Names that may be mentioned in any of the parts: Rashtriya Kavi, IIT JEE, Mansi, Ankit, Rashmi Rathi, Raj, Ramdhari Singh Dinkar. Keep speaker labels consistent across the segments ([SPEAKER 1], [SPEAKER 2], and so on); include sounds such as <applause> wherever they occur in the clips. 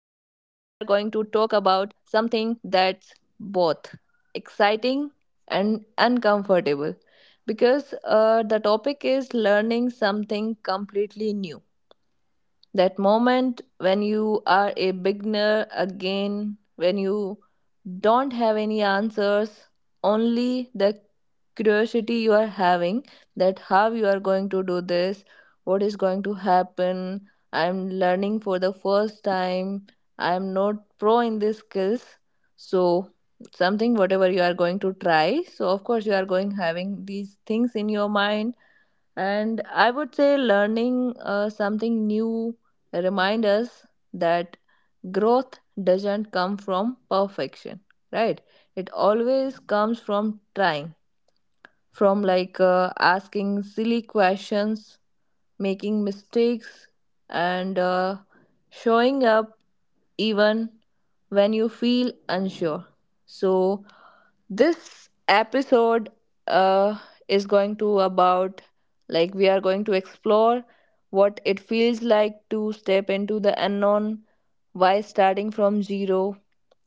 [SPEAKER 1] to talk about something that's both exciting and uncomfortable because the topic is learning something completely new, that moment when you are a beginner again, when you don't have any answers, only the curiosity you are having, that how you are going to do this, what is going to happen. I'm learning for the first time. I'm not pro in these skills. So, something whatever you are going to try. So, of course, you are going having these things in your mind and I would say learning something new reminds us that growth doesn't come from perfection, right? It always comes from trying, from like asking silly questions, making mistakes, and showing up even when you feel unsure. So, this episode uh, is going to about, like, we are going to explore what it feels like to step into the unknown, why starting from zero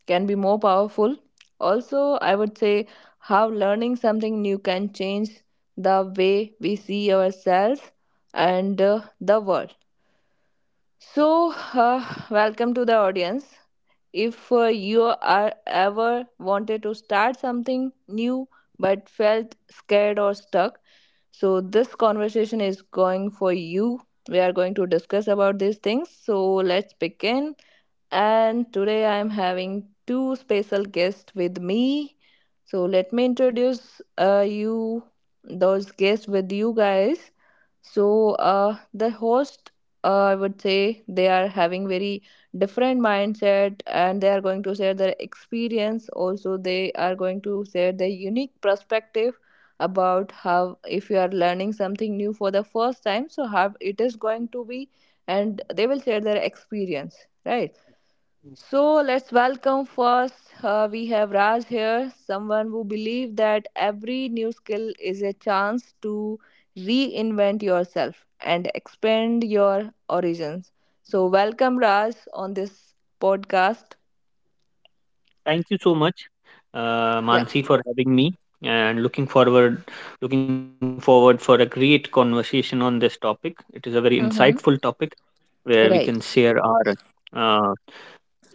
[SPEAKER 1] can be more powerful. Also, I would say how learning something new can change the way we see ourselves and the world. So, welcome to the audience. If you are ever wanted to start something new but felt scared or stuck, so this conversation is going for you. We are going to discuss about these things. So, let's begin, and today I am having two special guests with me. So let me introduce you those guests with you guys. So the host, I would say, they are having very different mindset, and they are going to share their experience. Also, they are going to share their unique perspective about how, if you are learning something new for the first time, so how it is going to be, and they will share their experience, right? So let's welcome first. We have Raj here, someone who believes that every new skill is a chance to reinvent yourself and expand your origins. So welcome Raj on this podcast.
[SPEAKER 2] Thank you so much,
[SPEAKER 1] Yeah.
[SPEAKER 2] Mansi, for having me, and looking forward for a great conversation on this topic. It is a very
[SPEAKER 1] Mm-hmm.
[SPEAKER 2] insightful topic where we
[SPEAKER 1] Right.
[SPEAKER 2] can share our uh,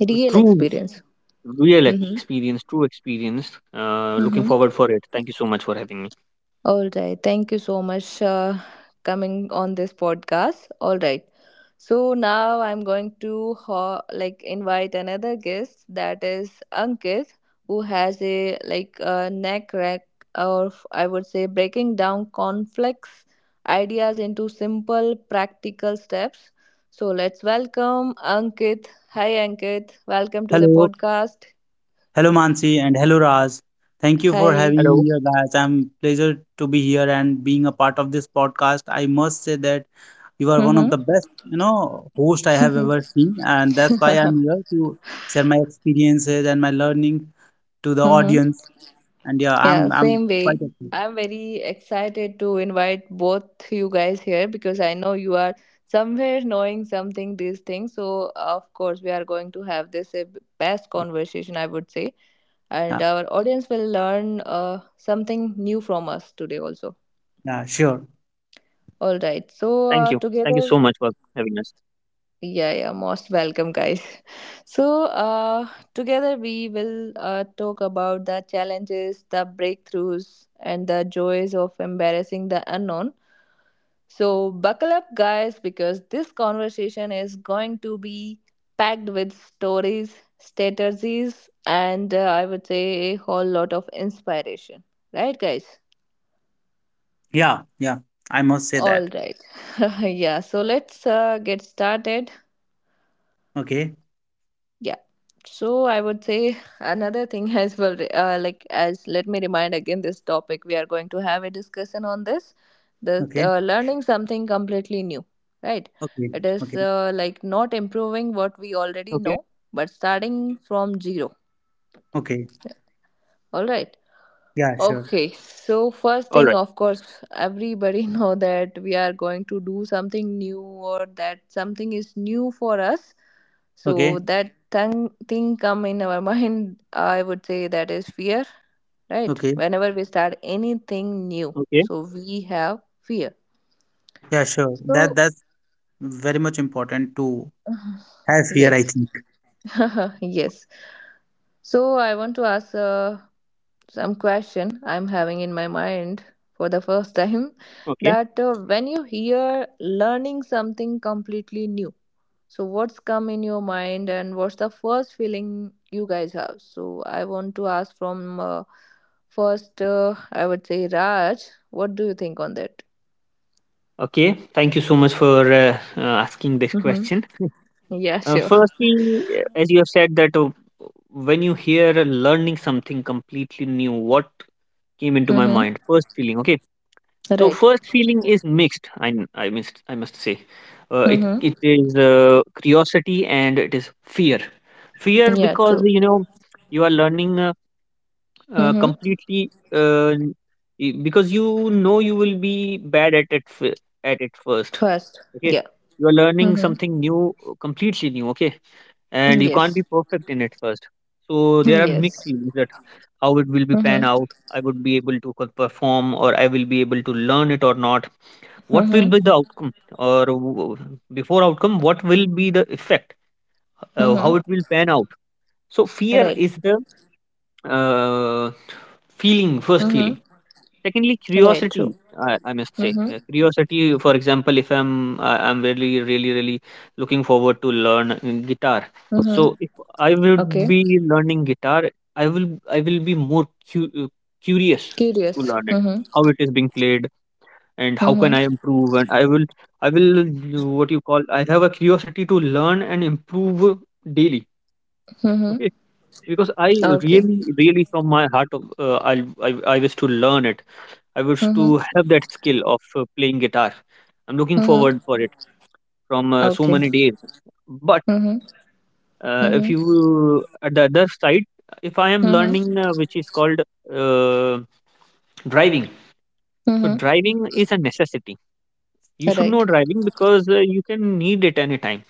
[SPEAKER 1] Real
[SPEAKER 2] true,
[SPEAKER 1] experience.
[SPEAKER 2] real
[SPEAKER 1] Mm-hmm.
[SPEAKER 2] experience, true experience. Looking
[SPEAKER 1] Mm-hmm.
[SPEAKER 2] forward for it. Thank you so much for having me.
[SPEAKER 1] All right. Thank you so much coming on this podcast. All right. So now I'm going to like invite another guest, that is Ankit, who has a like a neck rack, or I would say breaking down complex ideas into simple practical steps. So let's welcome Ankit. Hi Ankit. Welcome to the
[SPEAKER 3] Hello,
[SPEAKER 1] podcast.
[SPEAKER 3] hello Mansi and hello Raj. Thank you for
[SPEAKER 1] Hi.
[SPEAKER 3] having
[SPEAKER 2] Hello.
[SPEAKER 3] me here, guys. I'm pleasure to be here and being a part of this podcast. I must say that you are one of
[SPEAKER 1] Mm-hmm.
[SPEAKER 3] the best, you know, host I have ever seen, and that's why
[SPEAKER 1] Mm-hmm.
[SPEAKER 3] I'm here to share my experiences and my learning to the
[SPEAKER 1] <laughs>
[SPEAKER 3] audience. And yeah,
[SPEAKER 1] Yeah,
[SPEAKER 3] I'm
[SPEAKER 1] same way.
[SPEAKER 3] quite excited.
[SPEAKER 1] I'm very excited to invite both you guys here because I know you are somewhere knowing something these things. So of course we are going to have this best conversation, I would say, and
[SPEAKER 3] Yeah,
[SPEAKER 1] our audience will learn something new from us today also.
[SPEAKER 3] yeah, sure.
[SPEAKER 2] Thank you.
[SPEAKER 1] All
[SPEAKER 2] Thank you so
[SPEAKER 1] right.
[SPEAKER 2] much for
[SPEAKER 1] So
[SPEAKER 2] having us.
[SPEAKER 1] together. Yeah, yeah, most welcome, guys. <laughs> So, together we will talk about the challenges, the breakthroughs, and the joys of embarrassing the unknown. So, buckle up, guys, because this conversation is going to be packed with stories, strategies, and I would say a whole lot of inspiration. Right, guys?
[SPEAKER 2] Yes. Yes.
[SPEAKER 3] Yeah, yeah.
[SPEAKER 2] Absolutely.
[SPEAKER 3] I must say
[SPEAKER 1] All
[SPEAKER 3] that.
[SPEAKER 1] right. <laughs> Yeah, so let's get started.
[SPEAKER 3] Okay,
[SPEAKER 1] Yeah. So I would say <laughs> another thing as well, like, as, let me remind again this topic, we are going to have a discussion on this, the
[SPEAKER 3] okay,
[SPEAKER 1] uh, learning something completely new, right?
[SPEAKER 3] okay,
[SPEAKER 1] It is
[SPEAKER 3] okay,
[SPEAKER 2] Okay.
[SPEAKER 1] like not improving what we already know, but starting from zero,
[SPEAKER 3] okay.
[SPEAKER 1] all right.
[SPEAKER 3] Yeah,
[SPEAKER 2] All
[SPEAKER 3] sure.
[SPEAKER 2] right.
[SPEAKER 1] Okay, so first thing, of course, everybody <laughs> know that we are going to do something new, or that something is new for us. So
[SPEAKER 3] Okay,
[SPEAKER 1] that thing come in our <laughs> mind, I would say, that is fear, right?
[SPEAKER 3] okay.
[SPEAKER 1] Whenever we start
[SPEAKER 2] Okay.
[SPEAKER 1] anything new, so we have fear.
[SPEAKER 3] Yeah, sure. That
[SPEAKER 1] So
[SPEAKER 3] that's very much important to
[SPEAKER 1] <sighs>
[SPEAKER 3] have
[SPEAKER 1] <laughs>
[SPEAKER 3] here, I
[SPEAKER 1] yes,
[SPEAKER 3] think.
[SPEAKER 1] <laughs> yes. So I want to ask some question I'm having in my mind for the first
[SPEAKER 2] Okay.
[SPEAKER 1] time <laughs> that, when you hear learning something completely new, so what's come in your mind, and what's the first feeling you guys have? So I want to ask from first, I would say, Raj, what do you think on that?
[SPEAKER 2] Okay. Thank you so much for asking this
[SPEAKER 1] Mm-hmm.
[SPEAKER 2] question.
[SPEAKER 1] Yeah, sure.
[SPEAKER 2] Firstly, as you have said that when you hear learning something completely new, what came into my
[SPEAKER 1] Mm-hmm.
[SPEAKER 2] mind? First feeling, okay. So
[SPEAKER 1] Right.
[SPEAKER 2] first feeling is mixed. I must say, it
[SPEAKER 1] Mm-hmm.
[SPEAKER 2] it is curiosity and it is fear. Fear
[SPEAKER 1] Yeah,
[SPEAKER 2] because
[SPEAKER 1] true.
[SPEAKER 2] you know you are learning
[SPEAKER 1] Mm-hmm.
[SPEAKER 2] completely because you know you will be bad at it first.
[SPEAKER 1] First.
[SPEAKER 2] Okay,
[SPEAKER 1] Yeah.
[SPEAKER 2] you are learning
[SPEAKER 1] Mm-hmm.
[SPEAKER 2] something new, completely new. Okay, and you can't be
[SPEAKER 1] Yes.
[SPEAKER 2] perfect in it first. So there are mixed
[SPEAKER 1] Yes.
[SPEAKER 2] feelings that how it will be pan
[SPEAKER 1] Mm-hmm.
[SPEAKER 2] out. I would be able to perform, or I will be able to learn it or not. What will
[SPEAKER 1] Mm-hmm.
[SPEAKER 2] be the outcome, or before outcome, what will be the effect? How
[SPEAKER 1] Mm-hmm.
[SPEAKER 2] it will pan out? So fear
[SPEAKER 1] Right.
[SPEAKER 2] is the uh, first feeling.
[SPEAKER 1] Mhm.
[SPEAKER 2] Secondly,
[SPEAKER 1] Right. True.
[SPEAKER 2] curiosity. I must say.
[SPEAKER 1] Mhm.
[SPEAKER 2] Curiosity. For example, if I'm really really really looking forward to learn guitar. So
[SPEAKER 1] Mhm.
[SPEAKER 2] if I would
[SPEAKER 1] Okay.
[SPEAKER 2] be learning guitar, I will I will be more cu- uh, curious to
[SPEAKER 1] Curious.
[SPEAKER 2] learn it,
[SPEAKER 1] Mhm.
[SPEAKER 2] how it is being played, and how can
[SPEAKER 1] Mhm.
[SPEAKER 2] I improve. And I will what you call. I have a curiosity to learn and improve daily.
[SPEAKER 1] Mhm.
[SPEAKER 2] Okay, because I
[SPEAKER 1] Okay.
[SPEAKER 2] really really from my heart, I I wish to learn it. I wish
[SPEAKER 1] Mhm.
[SPEAKER 2] to have that skill of playing guitar. I'm looking
[SPEAKER 1] Mhm.
[SPEAKER 2] forward for it from so
[SPEAKER 1] Okay.
[SPEAKER 2] many days. But
[SPEAKER 1] Mhm.
[SPEAKER 2] if
[SPEAKER 1] Mhm.
[SPEAKER 2] you at the other side, if I am
[SPEAKER 1] Mhm.
[SPEAKER 2] learning which is called uh, driving, so
[SPEAKER 1] Mhm.
[SPEAKER 2] driving is a necessity. You should know
[SPEAKER 1] Right.
[SPEAKER 2] driving because you can need it anytime.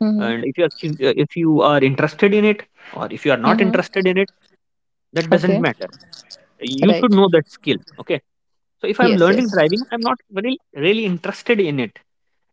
[SPEAKER 1] Mhm.
[SPEAKER 2] And if you are interested in it or if you are not
[SPEAKER 1] Mhm.
[SPEAKER 2] interested in it, that doesn't
[SPEAKER 1] Okay.
[SPEAKER 2] matter. You should
[SPEAKER 1] Right.
[SPEAKER 2] know that skill. Okay. So if I'm
[SPEAKER 1] Yes.
[SPEAKER 2] learning driving,
[SPEAKER 1] Yes.
[SPEAKER 2] I'm not very really interested in it.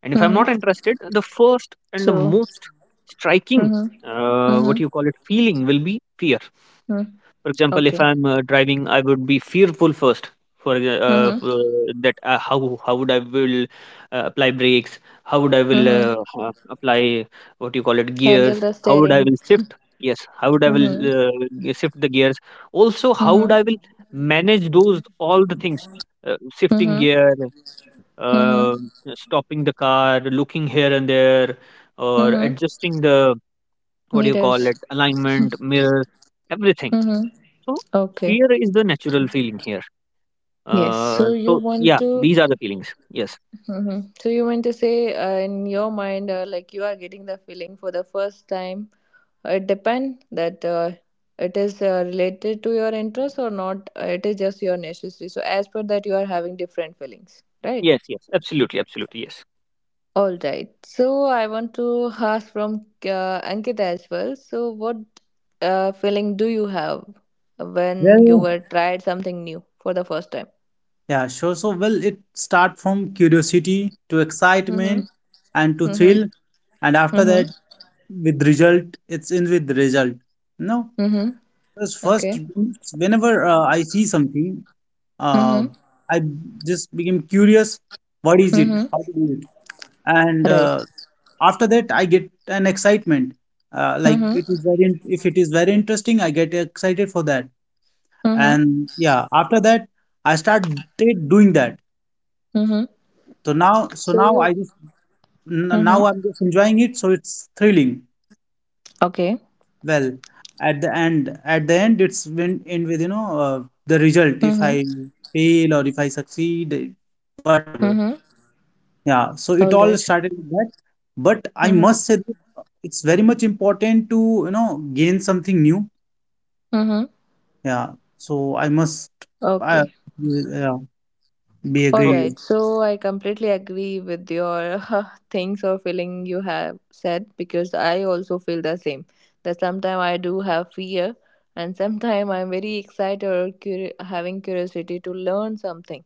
[SPEAKER 2] And if I'm not
[SPEAKER 1] Mhm.
[SPEAKER 2] interested, the first and the
[SPEAKER 1] So.
[SPEAKER 2] most striking,
[SPEAKER 1] Mhm.
[SPEAKER 2] what
[SPEAKER 1] Mhm.
[SPEAKER 2] you call it, feeling will be fear.
[SPEAKER 1] Mhm.
[SPEAKER 2] For example, if
[SPEAKER 1] Okay.
[SPEAKER 2] I'm driving, I would be fearful first.
[SPEAKER 1] Mhm.
[SPEAKER 2] For that, how would I will apply brakes? How would I will
[SPEAKER 1] Mhm.
[SPEAKER 2] apply what you call it gears?
[SPEAKER 1] Handle the
[SPEAKER 2] How would I
[SPEAKER 1] steering.
[SPEAKER 2] will shift? Yes, how would I will
[SPEAKER 1] Mhm.
[SPEAKER 2] shift the gears? Also, how would
[SPEAKER 1] Mhm.
[SPEAKER 2] I will manage those all the things? Shifting
[SPEAKER 1] Mhm.
[SPEAKER 2] gear,
[SPEAKER 1] Mhm.
[SPEAKER 2] uh, stopping the car, looking here and there, or
[SPEAKER 1] Mhm.
[SPEAKER 2] adjusting the what do you
[SPEAKER 1] Mirrors.
[SPEAKER 2] call it, alignment, mirror, everything.
[SPEAKER 1] Mhm.
[SPEAKER 2] So
[SPEAKER 1] Okay.
[SPEAKER 2] fear is the natural feeling here.
[SPEAKER 1] Yes. So you
[SPEAKER 2] So
[SPEAKER 1] want
[SPEAKER 2] yeah,
[SPEAKER 1] to,
[SPEAKER 2] these are the feelings. Yes,
[SPEAKER 1] mhm, so you want to say, in your mind, like, you are getting the feeling for the first time. Uh, it depend that, it is, related to your interest or not. It is just your necessity. So as per that, you are having different feelings, right?
[SPEAKER 2] yes, yes, absolutely, absolutely, yes.
[SPEAKER 1] All right. So I want to ask from Ankit as well. So what feeling do you have when you
[SPEAKER 3] Well,
[SPEAKER 1] were tried something new for the first time?
[SPEAKER 3] Yeah, sure. So, well, it start from curiosity to
[SPEAKER 1] Mm-hmm.
[SPEAKER 3] excitement and to
[SPEAKER 1] Mm-hmm.
[SPEAKER 3] thrill, and after
[SPEAKER 1] Mm-hmm.
[SPEAKER 3] that, with result, it's in with result. No,
[SPEAKER 1] Mm-hmm.
[SPEAKER 3] because first,
[SPEAKER 1] Okay.
[SPEAKER 3] whenever I see something, uh,
[SPEAKER 1] Mm-hmm.
[SPEAKER 3] I just became curious. What is it?
[SPEAKER 1] Mm-hmm.
[SPEAKER 3] How to do it? And
[SPEAKER 1] Right.
[SPEAKER 3] after that, I get an excitement. Like it is
[SPEAKER 1] Mm-hmm.
[SPEAKER 3] very, in- If it is very interesting, I get excited for that.
[SPEAKER 1] Mm-hmm.
[SPEAKER 3] And yeah, after that, I started doing that.
[SPEAKER 1] Mm-hmm.
[SPEAKER 3] so now so
[SPEAKER 1] So
[SPEAKER 3] now i
[SPEAKER 1] you.
[SPEAKER 3] just n- now
[SPEAKER 1] Mm-hmm.
[SPEAKER 3] I'm just enjoying it, so it's thrilling.
[SPEAKER 1] Okay.
[SPEAKER 3] Well, at the end, it's when end with, you know, the result, if I
[SPEAKER 1] Mm-hmm.
[SPEAKER 3] fail or if I succeed, whatever.
[SPEAKER 1] Mm-hmm.
[SPEAKER 3] Yeah, so it all
[SPEAKER 1] All right.
[SPEAKER 3] started with that, but I must
[SPEAKER 1] Mm-hmm.
[SPEAKER 3] say that it's very much important to, you know, gain something new.
[SPEAKER 1] Mm-hmm.
[SPEAKER 3] Yeah, so I must I
[SPEAKER 1] Okay.
[SPEAKER 3] yeah, be
[SPEAKER 1] All
[SPEAKER 2] Okay,
[SPEAKER 3] agree.
[SPEAKER 1] right. So I completely agree with your <laughs> things or feeling you have said, because I also feel the same. That sometimes I do have fear, and sometimes I'm very excited or having curiosity to learn something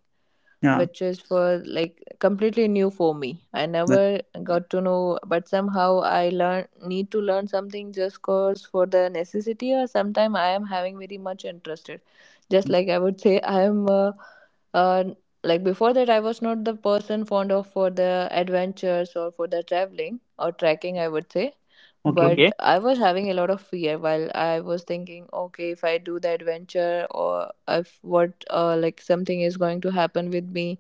[SPEAKER 3] Yeah.
[SPEAKER 1] which is for, like, completely new for me. I
[SPEAKER 3] Well,
[SPEAKER 1] never got to know, but somehow I learn, need to learn something just cause for the necessity, or sometime I am having very much interested. Just like I would say, I am. Uh, like before that, I was not the person fond of for the adventures, or for the traveling or trekking I would say,
[SPEAKER 3] okay,
[SPEAKER 1] but
[SPEAKER 2] okay,
[SPEAKER 1] I was having a lot of fear while I was thinking, okay, if I do the adventure, or if what, like something is going to happen with me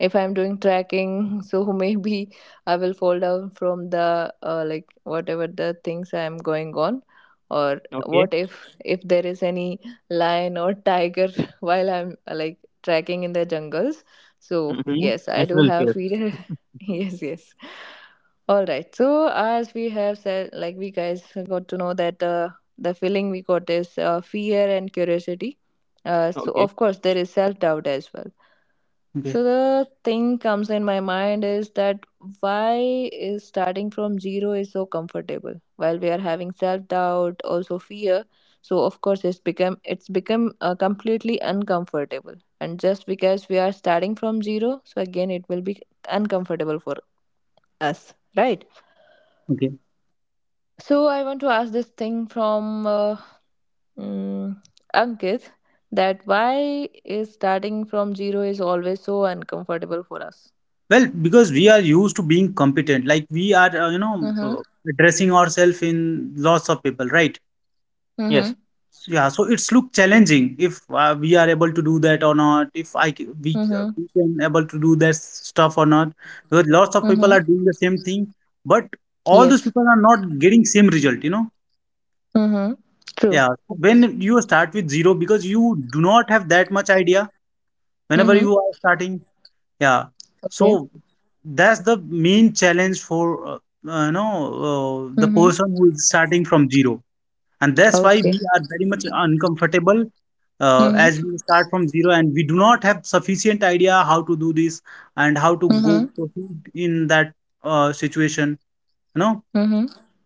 [SPEAKER 1] if I'm doing trekking, <laughs> so maybe I will fall down from the, like whatever the things I'm going on, or
[SPEAKER 2] okay.
[SPEAKER 1] what, if there is any lion or tiger <laughs> while I'm like trekking in the jungles. So
[SPEAKER 3] okay,
[SPEAKER 2] Mm-hmm.
[SPEAKER 1] yes, I do
[SPEAKER 2] Natural
[SPEAKER 1] have
[SPEAKER 2] fear.
[SPEAKER 1] fear. <laughs> Yes, yes. All right. So as we have said, like, we guys got to know that, the feeling we got is, fear and curiosity. So
[SPEAKER 2] Okay,
[SPEAKER 1] of course there is self doubt as well.
[SPEAKER 3] okay.
[SPEAKER 1] So the thing comes in my mind is that why is starting from zero is so comfortable while we are having self doubt, also fear. So of course it's become, it's become completely uncomfortable, and just because we are starting from zero, so again it will be uncomfortable for us, right?
[SPEAKER 3] Okay.
[SPEAKER 1] So I want to ask this thing from mm, Ankit, that why is starting from zero is always so uncomfortable for us.
[SPEAKER 3] Well, because we are used to being competent, like we are,
[SPEAKER 1] Mhm.
[SPEAKER 3] addressing ourselves in lots of people, right?
[SPEAKER 2] yes,
[SPEAKER 1] Mhm.
[SPEAKER 3] So, yeah. So it's look challenging if we are able to do that or not. If I c- we
[SPEAKER 1] Mhm.
[SPEAKER 3] We can able to do that stuff or not, because lots of people
[SPEAKER 1] Mhm.
[SPEAKER 3] are doing the same thing, but all those
[SPEAKER 1] Yes.
[SPEAKER 3] people are not getting same result. You know.
[SPEAKER 1] Mhm. True.
[SPEAKER 3] Yeah. So when you start with zero, because you do not have that much idea. Whenever
[SPEAKER 1] Mhm.
[SPEAKER 3] you are starting, yeah.
[SPEAKER 1] Okay.
[SPEAKER 3] So that's the main challenge for you know, the
[SPEAKER 1] Mhm.
[SPEAKER 3] person who is starting from zero, and that's why
[SPEAKER 1] Okay.
[SPEAKER 3] we are very much uncomfortable
[SPEAKER 1] Mhm.
[SPEAKER 3] as we start from zero, and we do not have sufficient idea how to do this and how to go
[SPEAKER 1] Mhm.
[SPEAKER 3] proceed in that situation. You know.
[SPEAKER 1] Mhm.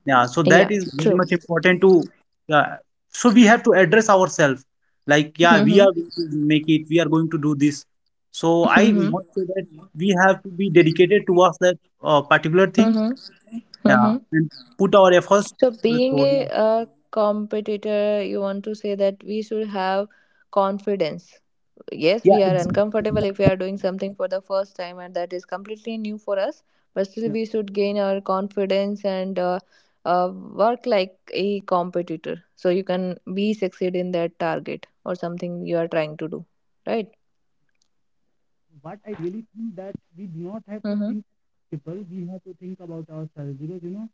[SPEAKER 3] Yeah, so
[SPEAKER 1] Yeah.
[SPEAKER 3] that is
[SPEAKER 1] True.
[SPEAKER 3] very much important to. Uh, so we have to address ourselves, like yeah, we
[SPEAKER 1] Mhm.
[SPEAKER 3] are going to make it. We are going to do this. So I
[SPEAKER 1] Mhm.
[SPEAKER 3] must say that we have to be dedicated towards that particular thing.
[SPEAKER 1] Mhm.
[SPEAKER 3] Yeah,
[SPEAKER 1] Mhm.
[SPEAKER 3] and put our efforts.
[SPEAKER 1] So being
[SPEAKER 3] So yeah.
[SPEAKER 1] a competitor, you want to say that we should have confidence, yes,
[SPEAKER 3] Yeah,
[SPEAKER 1] we are
[SPEAKER 3] exactly.
[SPEAKER 1] uncomfortable if we are doing something for the first time and that is completely new for us, but still
[SPEAKER 3] Yeah.
[SPEAKER 1] we should gain our confidence and work like a competitor, so you can be succeed in that target or something you are trying to do, right?
[SPEAKER 3] But I really think that we do not have to
[SPEAKER 1] Mm-hmm.
[SPEAKER 3] think people, we have to think about ourselves because, you know,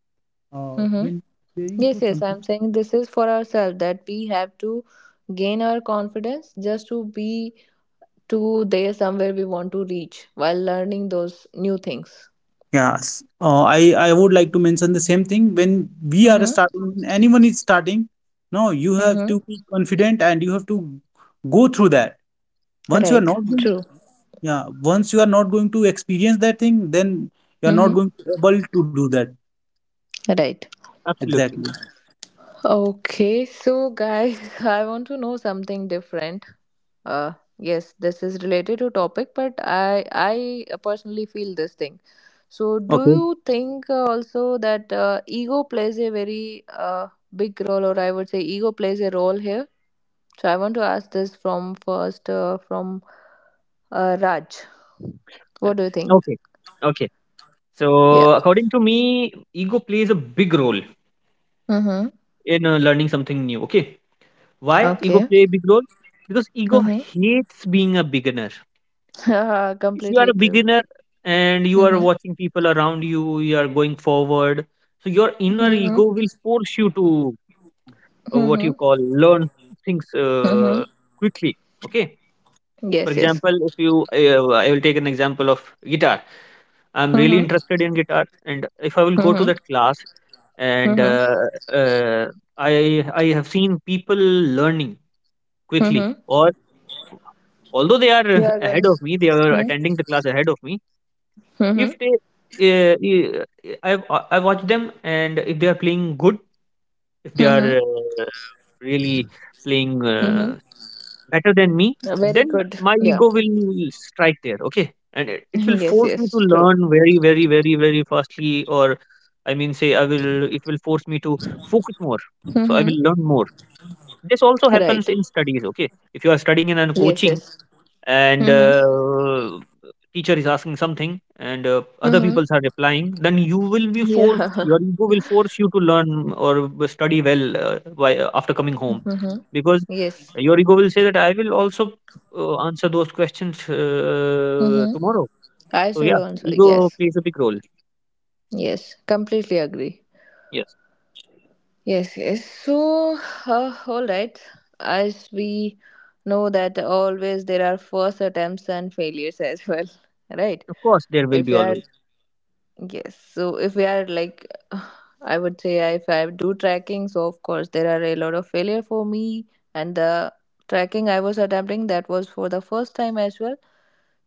[SPEAKER 1] Mm-hmm.
[SPEAKER 3] when paying for
[SPEAKER 1] Yes, yes, I'm
[SPEAKER 3] something.
[SPEAKER 1] saying this is for ourselves, that we have to gain our confidence just to be to there somewhere we want to reach while learning those new things,
[SPEAKER 3] Yes. I would like to mention the same thing. When we are
[SPEAKER 1] mm-hmm,
[SPEAKER 3] starting, when anyone is starting, no, you have
[SPEAKER 1] mm-hmm,
[SPEAKER 3] to be confident and you have to go through that. Once you are
[SPEAKER 1] right,
[SPEAKER 3] not going,
[SPEAKER 1] true.
[SPEAKER 3] yeah, once you are not going to experience that thing, then you are not
[SPEAKER 1] Mm-hmm.
[SPEAKER 3] going to able to do that.
[SPEAKER 1] Right.
[SPEAKER 2] absolutely.
[SPEAKER 3] Exactly.
[SPEAKER 1] Okay, so guys, <laughs> I want to know something different. Uh, yes, this is related to topic, but I personally feel this thing. So do
[SPEAKER 3] Okay,
[SPEAKER 1] you think, also that, ego plays a very, big role, or I would say ego plays a role here? So I want to ask this from first, from Raj.
[SPEAKER 2] Uh,
[SPEAKER 1] What do you think?
[SPEAKER 2] Okay, okay.
[SPEAKER 1] Yeah.
[SPEAKER 2] So according to me, ego plays a big role
[SPEAKER 1] Mhm.
[SPEAKER 2] in learning something new. Okay. Why ego
[SPEAKER 1] Okay.
[SPEAKER 2] play a big role? Because ego
[SPEAKER 1] Mhm.
[SPEAKER 2] hates being a beginner.
[SPEAKER 1] <laughs>
[SPEAKER 2] If you are
[SPEAKER 1] Completely
[SPEAKER 2] a
[SPEAKER 1] true.
[SPEAKER 2] beginner and you are
[SPEAKER 1] Mhm.
[SPEAKER 2] watching people around you, you are going forward. So your inner
[SPEAKER 1] Mhm.
[SPEAKER 2] ego will force you to what you
[SPEAKER 1] Mhm.
[SPEAKER 2] call learn things
[SPEAKER 1] Mhm.
[SPEAKER 2] quickly. Okay. For
[SPEAKER 1] Yes, yes.
[SPEAKER 2] example, if you, I will take an example of guitar. I'm really
[SPEAKER 1] Mm-hmm.
[SPEAKER 2] interested in guitar, and if I will go to
[SPEAKER 1] Mm-hmm.
[SPEAKER 2] that class, and
[SPEAKER 1] Mm-hmm.
[SPEAKER 2] uh, I have seen people learning quickly,
[SPEAKER 1] Mm-hmm.
[SPEAKER 2] or although they are
[SPEAKER 1] You
[SPEAKER 2] <laughs>
[SPEAKER 1] are going.
[SPEAKER 2] ahead of me, they are
[SPEAKER 1] Mm-hmm.
[SPEAKER 2] attending the class ahead of me. If
[SPEAKER 1] Mm-hmm.
[SPEAKER 2] they I watch them, and if they are playing good, if they are
[SPEAKER 1] Mm-hmm.
[SPEAKER 2] uh, really playing
[SPEAKER 1] Mm-hmm.
[SPEAKER 2] better than me,
[SPEAKER 1] Very
[SPEAKER 2] then
[SPEAKER 1] good.
[SPEAKER 2] my
[SPEAKER 1] Yeah.
[SPEAKER 2] ego will strike there. Okay, and it will
[SPEAKER 1] <laughs> Yes,
[SPEAKER 2] force me to
[SPEAKER 1] yes. True.
[SPEAKER 2] learn very very very very fastly, or I mean say I will it will force me to focus more. So I
[SPEAKER 1] Mm-hmm.
[SPEAKER 2] will learn more. This also happens
[SPEAKER 1] Right.
[SPEAKER 2] in studies. Okay, if you are studying in a
[SPEAKER 1] Yes,
[SPEAKER 2] coaching,
[SPEAKER 1] yes.
[SPEAKER 2] and
[SPEAKER 1] Mm-hmm.
[SPEAKER 2] teacher is asking something, and other people
[SPEAKER 1] Mm-hmm.
[SPEAKER 2] are replying, then
[SPEAKER 1] Yeah. <laughs>
[SPEAKER 2] your ego will force you to learn or study well, why, after coming home,
[SPEAKER 1] Mm-hmm.
[SPEAKER 2] because
[SPEAKER 1] Yes.
[SPEAKER 2] your ego will say that I will also answer those questions
[SPEAKER 1] Mm-hmm.
[SPEAKER 2] tomorrow.
[SPEAKER 1] I
[SPEAKER 2] So
[SPEAKER 1] should
[SPEAKER 2] yeah,
[SPEAKER 1] also.
[SPEAKER 2] ego
[SPEAKER 1] Yes.
[SPEAKER 2] plays a big role.
[SPEAKER 1] Yes. Completely agree.
[SPEAKER 2] Yes,
[SPEAKER 1] Yes, yes. So, all right. As we know that always there are first attempts and failures as well, <laughs> right?
[SPEAKER 2] of course, there will
[SPEAKER 1] If
[SPEAKER 2] be
[SPEAKER 1] you are,
[SPEAKER 2] always.
[SPEAKER 1] yes. So if we are like, <sighs> I would say, if I do tracking, so of course there are a lot of failure for me, and the tracking I was attempting, that was for the first time as well.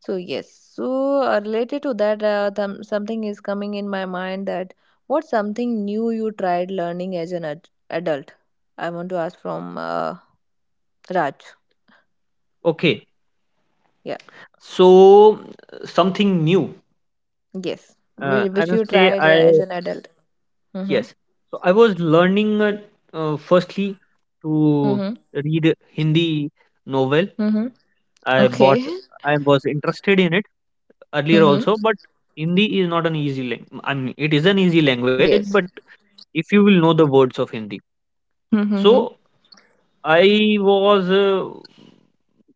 [SPEAKER 1] So yes. So, related to that, something is coming in my mind, that what's something new you tried learning as an adult? I want to ask from Raj.
[SPEAKER 2] Okay,
[SPEAKER 1] Yeah.
[SPEAKER 2] so something new,
[SPEAKER 1] Yes.
[SPEAKER 2] I
[SPEAKER 1] Which you
[SPEAKER 2] must say
[SPEAKER 1] tried,
[SPEAKER 2] I
[SPEAKER 1] as an adult. Mm-hmm.
[SPEAKER 2] Yes. So I was learning firstly to
[SPEAKER 1] Mm-hmm.
[SPEAKER 2] read Hindi novel.
[SPEAKER 1] Mm-hmm.
[SPEAKER 2] I bought.
[SPEAKER 1] Okay. <laughs>
[SPEAKER 2] I was interested in it earlier
[SPEAKER 1] Mm-hmm.
[SPEAKER 2] also, but Hindi is not an easy language. I mean, it is an easy language, but
[SPEAKER 1] Yes.
[SPEAKER 2] if you will know the words of Hindi,
[SPEAKER 1] Mm-hmm.
[SPEAKER 2] so I was.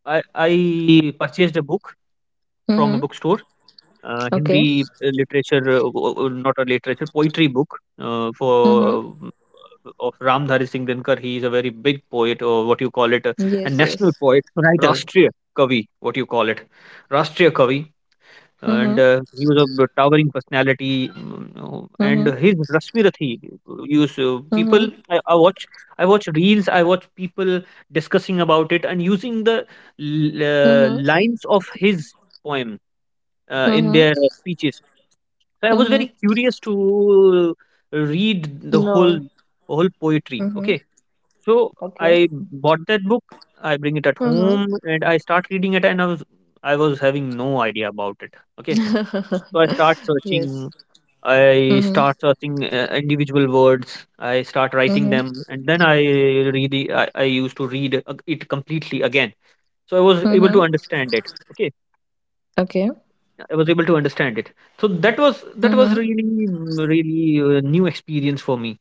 [SPEAKER 2] I purchased a book from a
[SPEAKER 1] Mm-hmm.
[SPEAKER 2] bookstore,
[SPEAKER 1] Okay.
[SPEAKER 2] Hindi not a literature, poetry book, for
[SPEAKER 1] Mm-hmm.
[SPEAKER 2] of Ramdhari Singh Dinkar. He is a very big poet, or what you call it, a
[SPEAKER 1] Yes,
[SPEAKER 2] national
[SPEAKER 1] yes.
[SPEAKER 2] poet,
[SPEAKER 3] writer.
[SPEAKER 2] Rashtriya Kavi, what you call it, Rashtriya Kavi. And
[SPEAKER 1] Mm-hmm.
[SPEAKER 2] he was a towering personality, and
[SPEAKER 1] Mm-hmm.
[SPEAKER 2] his Rashmi Rathi use people.
[SPEAKER 1] Mm-hmm.
[SPEAKER 2] I watch reels, I watch people discussing about it and using the
[SPEAKER 1] Mm-hmm.
[SPEAKER 2] lines of his poem in their
[SPEAKER 1] Mm-hmm.
[SPEAKER 2] speeches. So I was
[SPEAKER 1] Mm-hmm.
[SPEAKER 2] very curious to read the whole
[SPEAKER 1] No.
[SPEAKER 2] whole poetry.
[SPEAKER 1] Mm-hmm.
[SPEAKER 2] Okay, so
[SPEAKER 1] Okay.
[SPEAKER 2] I bought that book. I bring it at
[SPEAKER 1] Mm-hmm.
[SPEAKER 2] home, and I start reading it, and I was having no idea about it. Okay, so I start
[SPEAKER 1] <laughs> Yes.
[SPEAKER 2] searching. I
[SPEAKER 1] Mm-hmm.
[SPEAKER 2] start searching individual words. I start writing
[SPEAKER 1] Mm-hmm.
[SPEAKER 2] them, and then I read. I used to read it completely again, so I was able to
[SPEAKER 1] Mm-hmm.
[SPEAKER 2] understand it. Okay,
[SPEAKER 1] Okay.
[SPEAKER 2] I was able to understand it. So that was
[SPEAKER 1] Mm-hmm.
[SPEAKER 2] really really a new experience for me.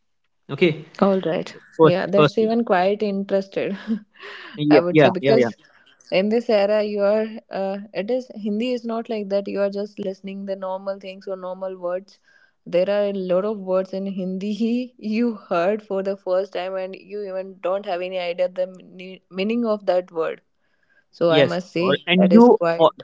[SPEAKER 2] Okay,
[SPEAKER 1] All right.
[SPEAKER 2] first
[SPEAKER 1] Yeah,
[SPEAKER 2] first
[SPEAKER 1] that's
[SPEAKER 2] thing.
[SPEAKER 1] even quite interested, <laughs> I
[SPEAKER 2] Yeah,
[SPEAKER 1] would say,
[SPEAKER 2] yeah, yeah, yeah.
[SPEAKER 1] because in this era you are it is Hindi is not like that you are just listening the normal things or normal words. There are a lot of words in Hindi <laughs> you heard for the first time and you even don't have any idea the meaning of that word. So I
[SPEAKER 2] Yes.
[SPEAKER 1] must say that is quite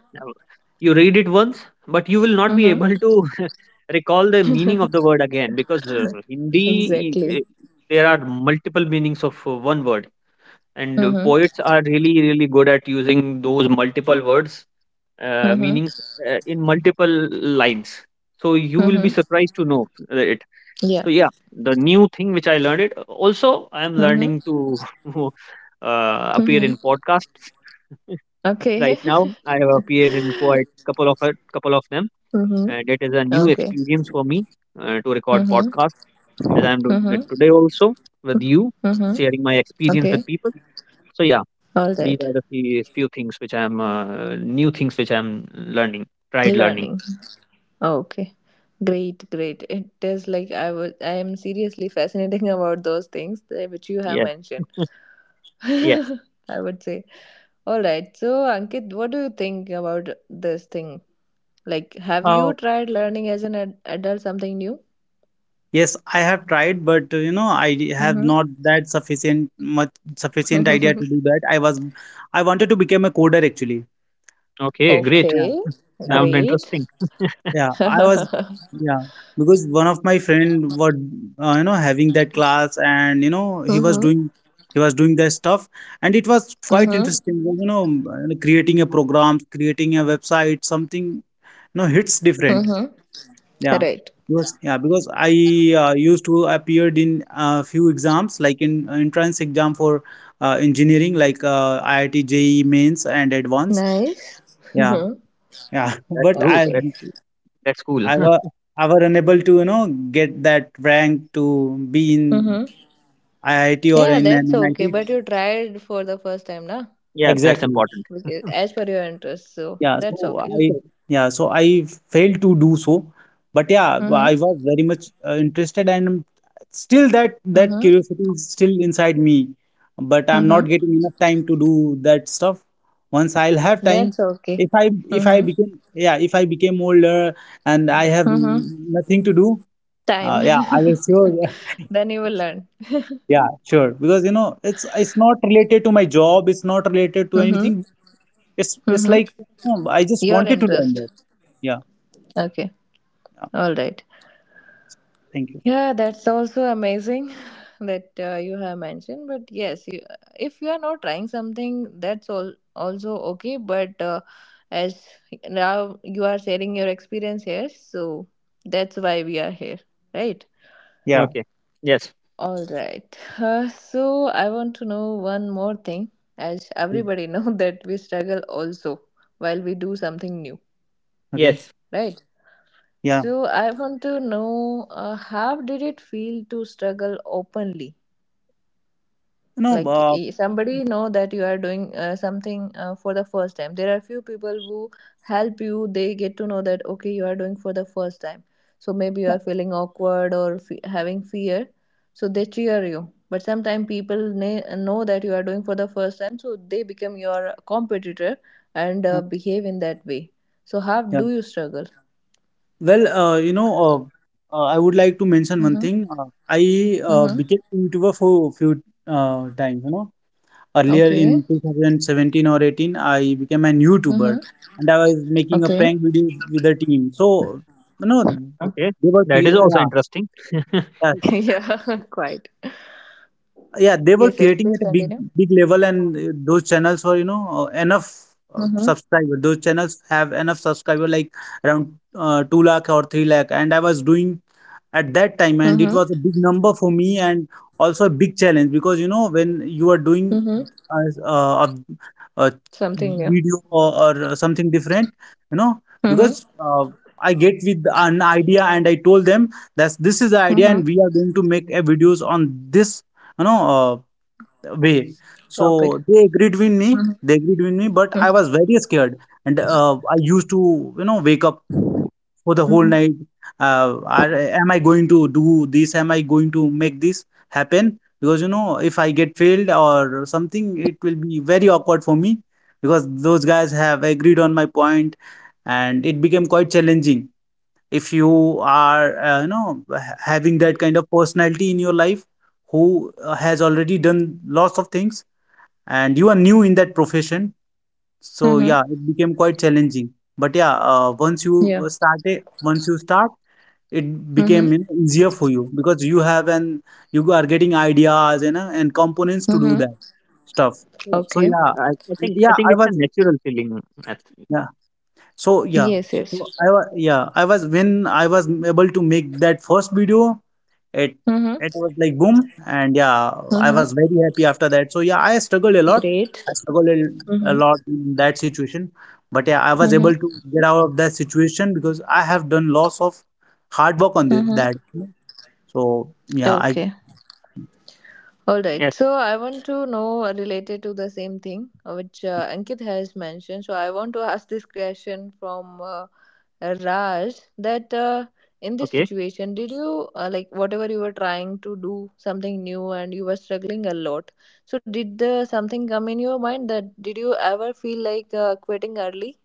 [SPEAKER 2] You read it once, but you will not be
[SPEAKER 1] hmm.
[SPEAKER 2] able to <laughs> recall the meaning of the word
[SPEAKER 1] <laughs>
[SPEAKER 2] again, because
[SPEAKER 1] Exactly.
[SPEAKER 2] there are multiple meanings of one word, and
[SPEAKER 1] Mm-hmm.
[SPEAKER 2] poets are really really good at using those multiple words
[SPEAKER 1] Mm-hmm.
[SPEAKER 2] meanings in multiple lines. So you will be
[SPEAKER 1] Mm-hmm.
[SPEAKER 2] surprised to know.
[SPEAKER 1] Yeah.
[SPEAKER 2] So yeah, the new thing which I learned it. Also, I am
[SPEAKER 1] Mm-hmm.
[SPEAKER 2] learning to <laughs> appear
[SPEAKER 1] Mm-hmm.
[SPEAKER 2] in podcasts. <laughs> Right
[SPEAKER 1] Okay.
[SPEAKER 2] now,
[SPEAKER 1] <laughs>
[SPEAKER 2] I have appeared in quite couple of them,
[SPEAKER 1] Mm-hmm.
[SPEAKER 2] and it is a new
[SPEAKER 1] Okay.
[SPEAKER 2] experience for me to record
[SPEAKER 1] Mm-hmm.
[SPEAKER 2] podcast, as I'm doing
[SPEAKER 1] Mm-hmm.
[SPEAKER 2] it today also with you,
[SPEAKER 1] Mm-hmm.
[SPEAKER 2] sharing my experience with
[SPEAKER 1] Okay.
[SPEAKER 2] people. So yeah,
[SPEAKER 1] All
[SPEAKER 2] these
[SPEAKER 1] right,
[SPEAKER 2] are the few things which I'm new things which I'm learning, tried learning.
[SPEAKER 1] learning. Okay, great, great. It is like I was. I am seriously fascinating <laughs> about those things which you have
[SPEAKER 2] Yeah.
[SPEAKER 1] mentioned.
[SPEAKER 2] Yes.
[SPEAKER 1] <laughs> I would say. All right. So, Ankit, what do you think about this thing? Like, have
[SPEAKER 3] Uh,
[SPEAKER 1] you tried learning as an adult something new?
[SPEAKER 3] yes, I have tried, but, you know, have not that sufficient much sufficient idea
[SPEAKER 1] Mm-hmm.
[SPEAKER 3] to do that. I wanted to become a coder actually.
[SPEAKER 1] <laughs>
[SPEAKER 2] Okay. Great.
[SPEAKER 3] Yeah,
[SPEAKER 1] Okay.
[SPEAKER 3] yeah.
[SPEAKER 2] Sound
[SPEAKER 1] Great.
[SPEAKER 2] interesting.
[SPEAKER 3] Yeah,
[SPEAKER 1] <laughs> Mm-hmm.
[SPEAKER 3] yeah, because one of my friend was, you know, having that class, and you know, he was doing that stuff, and it was quite
[SPEAKER 1] Mm-hmm.
[SPEAKER 3] interesting. You know, creating a program, creating a website, something, you know, hits different.
[SPEAKER 1] Mm-hmm.
[SPEAKER 3] Yeah,
[SPEAKER 1] Right.
[SPEAKER 3] yeah, because I used to appeared in a few exams, like in entrance exam for engineering, like IIT JEE mains and advanced.
[SPEAKER 1] Nice. <laughs>
[SPEAKER 3] Yeah,
[SPEAKER 1] Mm-hmm.
[SPEAKER 3] yeah, <laughs>
[SPEAKER 2] That's
[SPEAKER 3] but
[SPEAKER 2] good.
[SPEAKER 1] Okay.
[SPEAKER 2] That's cool.
[SPEAKER 3] I were
[SPEAKER 2] <laughs>
[SPEAKER 3] I were unable to, you know, get that rank to be in
[SPEAKER 1] Mm-hmm.
[SPEAKER 3] IIT or
[SPEAKER 1] Yeah,
[SPEAKER 3] in an
[SPEAKER 1] that's okay.
[SPEAKER 3] NIT.
[SPEAKER 1] But you tried for the first time, na?
[SPEAKER 2] Yeah, that's
[SPEAKER 3] Exactly.
[SPEAKER 2] important.
[SPEAKER 1] Because as per your interest, so
[SPEAKER 3] Yeah.
[SPEAKER 1] that's
[SPEAKER 3] So
[SPEAKER 1] okay.
[SPEAKER 3] I yeah. So I failed to do so, but yeah,
[SPEAKER 1] Mhm.
[SPEAKER 3] I was very much interested, and still that
[SPEAKER 1] Mhm.
[SPEAKER 3] curiosity is still inside me, but I'm not
[SPEAKER 1] Mhm.
[SPEAKER 3] getting enough time to do that stuff. Once I'll have time,
[SPEAKER 1] That's okay.
[SPEAKER 3] if I
[SPEAKER 1] Mhm.
[SPEAKER 3] became, yeah, if I became older and I have
[SPEAKER 1] Mhm.
[SPEAKER 3] nothing to do,
[SPEAKER 1] Time.
[SPEAKER 3] yeah, I will sure.
[SPEAKER 1] <laughs> Then you will learn.
[SPEAKER 3] Yeah, sure. Because you know, it's not related to my job. It's not related to
[SPEAKER 1] Mhm.
[SPEAKER 3] anything. It's
[SPEAKER 1] Mhm.
[SPEAKER 3] like, you know, I just
[SPEAKER 1] Your
[SPEAKER 3] wanted to learn
[SPEAKER 1] interest.
[SPEAKER 3] that. Yeah,
[SPEAKER 1] Okay.
[SPEAKER 3] yeah.
[SPEAKER 1] All right.
[SPEAKER 3] Thank you.
[SPEAKER 1] Yeah, that's also amazing <laughs> that you have mentioned. But yes, you, if you are not trying something, that's all also okay. But as now you are sharing your experience here, so that's why we are here, right?
[SPEAKER 3] Yeah.
[SPEAKER 2] Okay. Yes.
[SPEAKER 1] All right. So I want to know one more thing. As
[SPEAKER 3] Okay.
[SPEAKER 1] everybody know <laughs> that we struggle also while we do something new,
[SPEAKER 3] Okay.
[SPEAKER 2] Yes.
[SPEAKER 1] right?
[SPEAKER 3] Yeah.
[SPEAKER 1] So I want to know how did it feel to struggle openly?
[SPEAKER 3] You know.
[SPEAKER 1] Like somebody know that you are doing something for the first time. There are few people who help you. They get to know that okay, you are doing for the first time, so maybe you
[SPEAKER 3] Yeah.
[SPEAKER 1] are feeling awkward or having fear, so they cheer you. But sometimes people ne know that you are doing for the first time, so they become your competitor and
[SPEAKER 3] Yeah.
[SPEAKER 1] behave in that way. So how
[SPEAKER 3] Yeah.
[SPEAKER 1] do you struggle?
[SPEAKER 3] Well, you know, I would like to mention one
[SPEAKER 1] Mm-hmm.
[SPEAKER 3] thing. I
[SPEAKER 1] Mm-hmm.
[SPEAKER 3] became a YouTuber for a few times. You know, earlier
[SPEAKER 1] Okay.
[SPEAKER 3] in 2017 or 18, I became an YouTuber,
[SPEAKER 1] Mm-hmm.
[SPEAKER 3] and I was making a
[SPEAKER 1] Okay.
[SPEAKER 3] prank video with the team. So you know,
[SPEAKER 1] Uh,
[SPEAKER 2] Okay. That is also
[SPEAKER 3] yeah.
[SPEAKER 2] interesting. <laughs>
[SPEAKER 1] <laughs> yeah <laughs> quite.
[SPEAKER 3] Yeah, they were
[SPEAKER 1] Yes, yes,
[SPEAKER 3] creating
[SPEAKER 1] please
[SPEAKER 3] at a big
[SPEAKER 1] continue.
[SPEAKER 3] big level, and those channels were, you know, enough
[SPEAKER 1] Mm-hmm.
[SPEAKER 3] subscriber. Those channels have enough subscriber like around 2 lakh or 3 lakh, and I was doing at that time, and it
[SPEAKER 1] Mm-hmm.
[SPEAKER 3] was a big number for me, and also a big challenge. Because you know when you are doing
[SPEAKER 1] Mm-hmm.
[SPEAKER 3] uh, a, a
[SPEAKER 1] Something new.
[SPEAKER 3] video or something different, you know,
[SPEAKER 1] Mm-hmm.
[SPEAKER 3] because I get with an idea, and I told them that this is the idea,
[SPEAKER 1] Mm-hmm.
[SPEAKER 3] and we are going to make a videos on this, you know, way.
[SPEAKER 1] Topic.
[SPEAKER 3] So they agreed with me,
[SPEAKER 1] Mm-hmm.
[SPEAKER 3] but I was very scared, and I used to, you know, wake up for the whole
[SPEAKER 1] Mm-hmm.
[SPEAKER 3] night, uh, are, am I going to do this, am I going to make this happen? Because, you know, if I get failed or something, it will be very awkward for me, because those guys have agreed on my point, and it became quite challenging. If you are, you know, having that kind of personality in your life, who has already done lots of things, and you are new in that profession, so
[SPEAKER 1] Hmm.
[SPEAKER 3] yeah, it became quite challenging. But yeah, once you
[SPEAKER 1] Yeah.
[SPEAKER 3] start it, once you start, it
[SPEAKER 1] Mm-hmm.
[SPEAKER 3] became, you know, easier for you, because you have an, you are getting ideas, you know, and components to do
[SPEAKER 1] Mm-hmm.
[SPEAKER 3] that stuff.
[SPEAKER 2] Yeah,
[SPEAKER 3] So
[SPEAKER 1] Okay.
[SPEAKER 2] it,
[SPEAKER 3] yeah.
[SPEAKER 2] I
[SPEAKER 3] Yeah,
[SPEAKER 2] think
[SPEAKER 3] I
[SPEAKER 2] it's a
[SPEAKER 3] was
[SPEAKER 2] natural feeling. At,
[SPEAKER 3] yeah so yeah,
[SPEAKER 1] Yes,
[SPEAKER 3] so
[SPEAKER 1] yes.
[SPEAKER 3] I was, yeah, I was, when I was able to make that first video, it it
[SPEAKER 1] Mm-hmm.
[SPEAKER 3] was like boom, and yeah, I
[SPEAKER 1] Mm-hmm.
[SPEAKER 3] was very happy after that. So yeah, I struggled a lot. I
[SPEAKER 1] Great.
[SPEAKER 3] struggled a
[SPEAKER 1] Mm-hmm.
[SPEAKER 3] lot in that situation, but yeah, I was
[SPEAKER 1] Mm-hmm.
[SPEAKER 3] able to get out of that situation because I have done lots of hard work on
[SPEAKER 1] Mm-hmm.
[SPEAKER 3] that. So yeah, I
[SPEAKER 1] Okay. All right.
[SPEAKER 2] yes.
[SPEAKER 1] So I want to know related to the same thing which Ankit has mentioned. So I want to <laughs> ask this question from Raj that in this
[SPEAKER 2] Okay.
[SPEAKER 1] situation, did you like whatever you were trying to do something new and you were struggling a lot? So did something come in your mind that did you ever feel like quitting early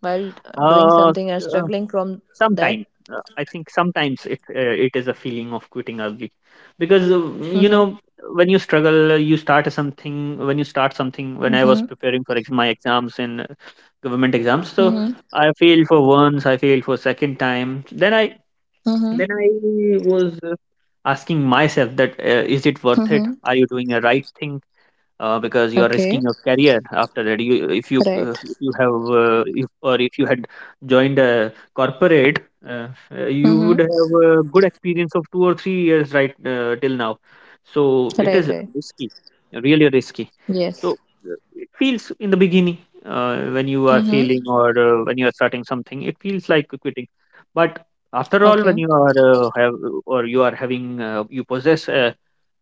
[SPEAKER 1] while doing
[SPEAKER 2] Uh,
[SPEAKER 1] something and
[SPEAKER 2] uh
[SPEAKER 1] struggling from
[SPEAKER 2] Sometimes,
[SPEAKER 1] that?
[SPEAKER 2] I think sometimes it is a feeling of quitting early, because you
[SPEAKER 1] Mm-hmm.
[SPEAKER 2] know, when you struggle, you start something. When you start something, when I was
[SPEAKER 1] Mm-hmm.
[SPEAKER 2] preparing for my exams in government exams, so
[SPEAKER 1] Mm-hmm.
[SPEAKER 2] I failed for once, I failed for second time. Then I Then
[SPEAKER 1] Mm-hmm.
[SPEAKER 2] I was asking myself that, is it worth it?
[SPEAKER 1] Mm-hmm.
[SPEAKER 2] Are you doing the right thing? Because you are
[SPEAKER 1] Okay.
[SPEAKER 2] risking your career. After that, you if you if
[SPEAKER 1] Right.
[SPEAKER 2] you have if, or if you had joined a corporate, you would
[SPEAKER 1] Mm-hmm.
[SPEAKER 2] have a good experience of 2 or 3 years right till now. So it
[SPEAKER 1] Right,
[SPEAKER 2] is
[SPEAKER 1] right.
[SPEAKER 2] risky, really risky. So
[SPEAKER 1] Yes.
[SPEAKER 2] it feels in the beginning, when you are
[SPEAKER 1] Mm-hmm.
[SPEAKER 2] failing, or when you are starting something, it feels like quitting. But after all,
[SPEAKER 1] Okay.
[SPEAKER 2] when you are have or you are having, you possess a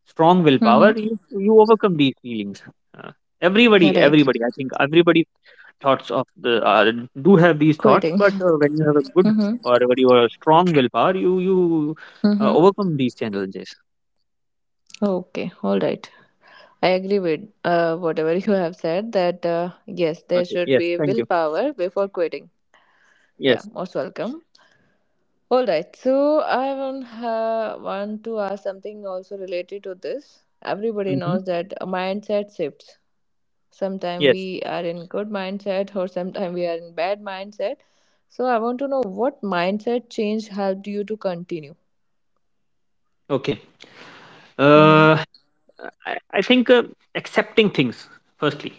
[SPEAKER 2] strong willpower,
[SPEAKER 1] Mm-hmm.
[SPEAKER 2] you overcome these feelings. Uh, Everybody,
[SPEAKER 1] Right.
[SPEAKER 2] I think everybody thoughts of the do have these thoughts,
[SPEAKER 1] Quitting.
[SPEAKER 2] but when you have a good
[SPEAKER 1] <laughs> Mm-hmm.
[SPEAKER 2] or when you are a strong willpower, you
[SPEAKER 1] Mm-hmm.
[SPEAKER 2] overcome these challenges.
[SPEAKER 1] Okay. All right. I agree with whatever you have said that yes, there
[SPEAKER 2] Okay.
[SPEAKER 1] should
[SPEAKER 2] Yes.
[SPEAKER 1] be
[SPEAKER 2] Thank you.
[SPEAKER 1] willpower before quitting. Yeah,
[SPEAKER 2] Yes.
[SPEAKER 1] most welcome. All right. So I want to ask something also related to this. Everybody
[SPEAKER 2] Mm-hmm.
[SPEAKER 1] knows that mindset shifts. Sometimes
[SPEAKER 2] Yes.
[SPEAKER 1] we are in good mindset or sometimes we are in bad mindset. So I want to know what mindset change helped you to continue.
[SPEAKER 2] Okay.
[SPEAKER 1] Mm-hmm.
[SPEAKER 2] Uh, I think accepting things firstly.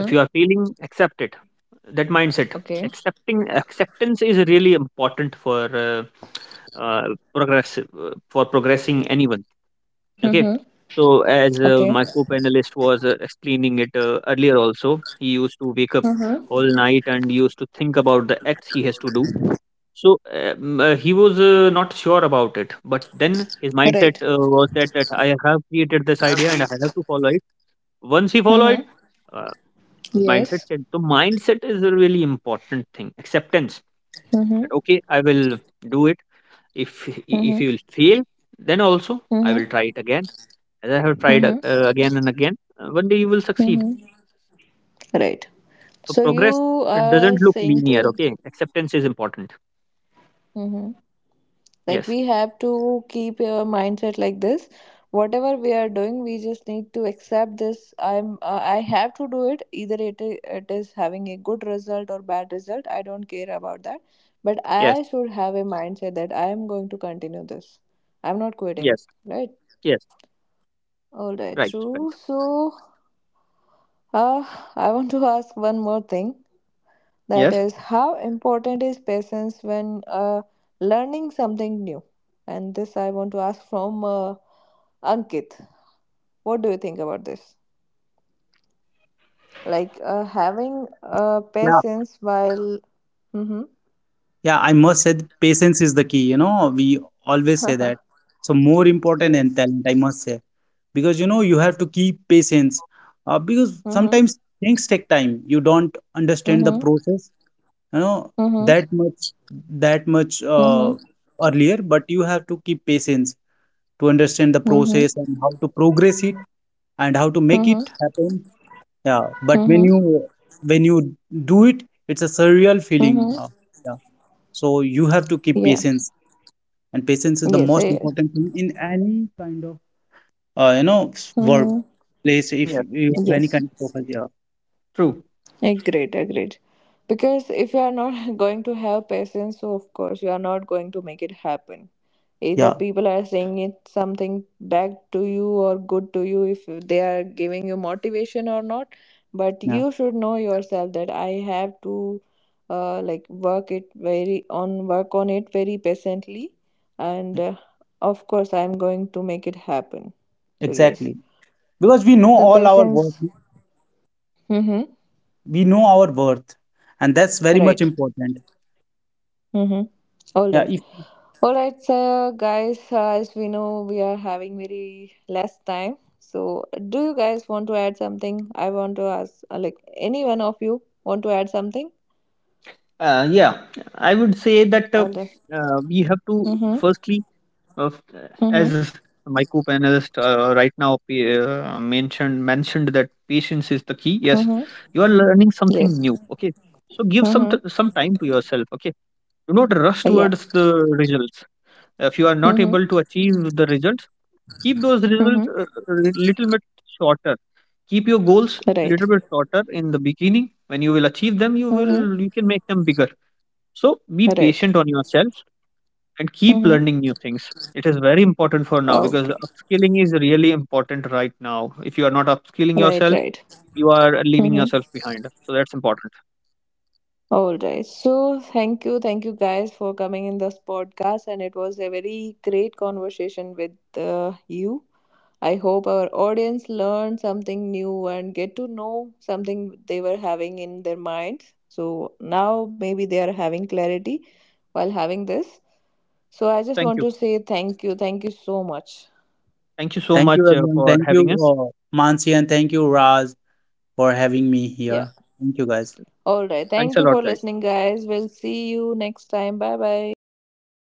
[SPEAKER 2] If you are feeling, accept it. That mindset,
[SPEAKER 1] Okay.
[SPEAKER 2] accepting acceptance is really important for uh, progress, for progressing anyone. Okay,
[SPEAKER 1] Mm-hmm.
[SPEAKER 2] so as
[SPEAKER 1] Okay.
[SPEAKER 2] my co-panelist was explaining it earlier also, he used to wake up
[SPEAKER 1] Mm-hmm.
[SPEAKER 2] all night and used to think about the acts he has to do. So he was not sure about it, but then his mindset
[SPEAKER 1] Right.
[SPEAKER 2] was that I have created this idea and I have to follow it. Once he followed
[SPEAKER 1] Mm-hmm.
[SPEAKER 2] it, his mindset
[SPEAKER 1] Yes.
[SPEAKER 2] said, so mindset is a really important thing. Acceptance
[SPEAKER 1] Mm-hmm.
[SPEAKER 2] that, okay, I will do it. If you
[SPEAKER 1] Mm-hmm.
[SPEAKER 2] will fail, then also I will
[SPEAKER 1] Mm-hmm.
[SPEAKER 2] try it again. As I have tried
[SPEAKER 1] Mm-hmm.
[SPEAKER 2] again and again, one day you will succeed.
[SPEAKER 1] Mm-hmm. Right.
[SPEAKER 2] So
[SPEAKER 1] So
[SPEAKER 2] progress
[SPEAKER 1] you
[SPEAKER 2] doesn't
[SPEAKER 1] are
[SPEAKER 2] look
[SPEAKER 1] saying
[SPEAKER 2] linear.
[SPEAKER 1] to.
[SPEAKER 2] Okay, acceptance is important.
[SPEAKER 1] Mm-hmm. Like
[SPEAKER 2] Yes,
[SPEAKER 1] we have to keep your mindset like this. Whatever we are doing, we just need to accept this. I'm I have to do it. Either it is having a good result or bad result. I don't care about that. But
[SPEAKER 2] yes,
[SPEAKER 1] I should have a mindset that I am going to continue this. I'm not
[SPEAKER 2] yes,
[SPEAKER 1] quitting, right?
[SPEAKER 2] yes.
[SPEAKER 1] All right,
[SPEAKER 2] Right, right.
[SPEAKER 1] true. So, uh, I want to ask one more thing. That
[SPEAKER 2] Yes,
[SPEAKER 1] is, how important is patience when learning something new? And this I want to ask from Ankit. What do you think about this? Like having
[SPEAKER 3] yeah.
[SPEAKER 1] patience while. Mm-hmm.
[SPEAKER 3] Yeah, I must say that patience is the key. You know, we always say that.
[SPEAKER 1] <laughs>
[SPEAKER 3] So, more important than
[SPEAKER 1] Yes.
[SPEAKER 3] talent, I must say, because you know you have to keep patience, because
[SPEAKER 1] Mm-hmm.
[SPEAKER 3] sometimes things take time. You don't understand the
[SPEAKER 1] Mm-hmm.
[SPEAKER 3] process, you know,
[SPEAKER 1] Mm-hmm.
[SPEAKER 3] that much that much
[SPEAKER 1] Mm-hmm.
[SPEAKER 3] earlier, but you have to keep patience to understand the
[SPEAKER 1] Mm-hmm.
[SPEAKER 3] process and how to progress it and how to make
[SPEAKER 1] Mm-hmm.
[SPEAKER 3] it happen. Yeah, but
[SPEAKER 1] Mm-hmm.
[SPEAKER 3] when you do it, it's a surreal feeling.
[SPEAKER 1] Mm-hmm.
[SPEAKER 3] Yeah. So you have to keep
[SPEAKER 1] Yeah.
[SPEAKER 3] patience, and patience is the most
[SPEAKER 1] Yes.
[SPEAKER 3] important thing in any kind of you know,
[SPEAKER 1] Yes.
[SPEAKER 3] workplace. If
[SPEAKER 2] yes.
[SPEAKER 3] you have any
[SPEAKER 1] Yes,
[SPEAKER 3] kind of profile, yeah,
[SPEAKER 2] True.
[SPEAKER 1] agreed, agreed. Because if you are not <laughs> going to have patience, so of course you are not going to make it happen. Either
[SPEAKER 3] yeah,
[SPEAKER 1] people are saying it something back to you or good to you, if they are giving you motivation or not. But
[SPEAKER 3] yeah,
[SPEAKER 1] you should know yourself that I have to like work it very on work on it very patiently,
[SPEAKER 3] yeah,
[SPEAKER 1] and of course I am going to make it happen. So yes,
[SPEAKER 3] exactly. Because we know
[SPEAKER 1] the
[SPEAKER 3] all our worth,
[SPEAKER 1] patience. Mm-hmm.
[SPEAKER 3] we know our worth, and that's very much
[SPEAKER 1] Right.
[SPEAKER 3] important.
[SPEAKER 1] Mm-hmm. All
[SPEAKER 3] Yeah.
[SPEAKER 1] right.
[SPEAKER 3] If
[SPEAKER 1] All right, so guys, as we know, we are having very less time. So, do you guys want to add something? I want to ask, like, any one of you want to add something?
[SPEAKER 2] Yeah, I would say that
[SPEAKER 1] All right.
[SPEAKER 2] we have to
[SPEAKER 1] Mm-hmm.
[SPEAKER 2] firstly, Of as
[SPEAKER 1] Mm-hmm.
[SPEAKER 2] my co-panelist right now mentioned that patience is the key. Yes, you
[SPEAKER 1] Mm-hmm.
[SPEAKER 2] are learning something new. Okay,
[SPEAKER 1] Yes.
[SPEAKER 2] so give some
[SPEAKER 1] Mm-hmm.
[SPEAKER 2] time to yourself. Okay, do not rush towards
[SPEAKER 1] Yeah.
[SPEAKER 2] the results. If you are not able
[SPEAKER 1] Mm-hmm.
[SPEAKER 2] to achieve the results, keep those results
[SPEAKER 1] Mm-hmm.
[SPEAKER 2] a little bit shorter. Keep your goals
[SPEAKER 1] Right.
[SPEAKER 2] little bit shorter in the beginning. When you will achieve them,
[SPEAKER 1] Mm-hmm.
[SPEAKER 2] you can make them bigger. So be
[SPEAKER 1] Right.
[SPEAKER 2] patient on yourself and keep
[SPEAKER 1] Mm-hmm.
[SPEAKER 2] learning new things. It is very important for now, because
[SPEAKER 1] Okay.
[SPEAKER 2] upskilling is really important right now. If you are not upskilling
[SPEAKER 1] Right,
[SPEAKER 2] yourself,
[SPEAKER 1] right.
[SPEAKER 2] you are leaving
[SPEAKER 1] Mm-hmm.
[SPEAKER 2] yourself behind. So that's important.
[SPEAKER 1] All right. So thank you guys for coming in this podcast, and it was a very great conversation with you. I hope our audience learned something new and get to know something they were having in their minds. So now maybe they are having clarity while having this. So I just
[SPEAKER 2] Thank
[SPEAKER 1] want
[SPEAKER 2] you.
[SPEAKER 1] to say thank you so much.
[SPEAKER 2] Thank you so
[SPEAKER 3] thank you
[SPEAKER 2] much
[SPEAKER 3] everyone,
[SPEAKER 2] for
[SPEAKER 3] thank you
[SPEAKER 2] having us.
[SPEAKER 3] Mansi, and thank you Raj for having me
[SPEAKER 1] Yeah.
[SPEAKER 3] here. Thank you guys.
[SPEAKER 1] All right.
[SPEAKER 2] Thanks
[SPEAKER 1] Thank
[SPEAKER 2] a
[SPEAKER 1] you
[SPEAKER 2] lot,
[SPEAKER 1] for
[SPEAKER 2] guys.
[SPEAKER 1] listening, guys. We'll see you next time. Bye bye.
[SPEAKER 2] See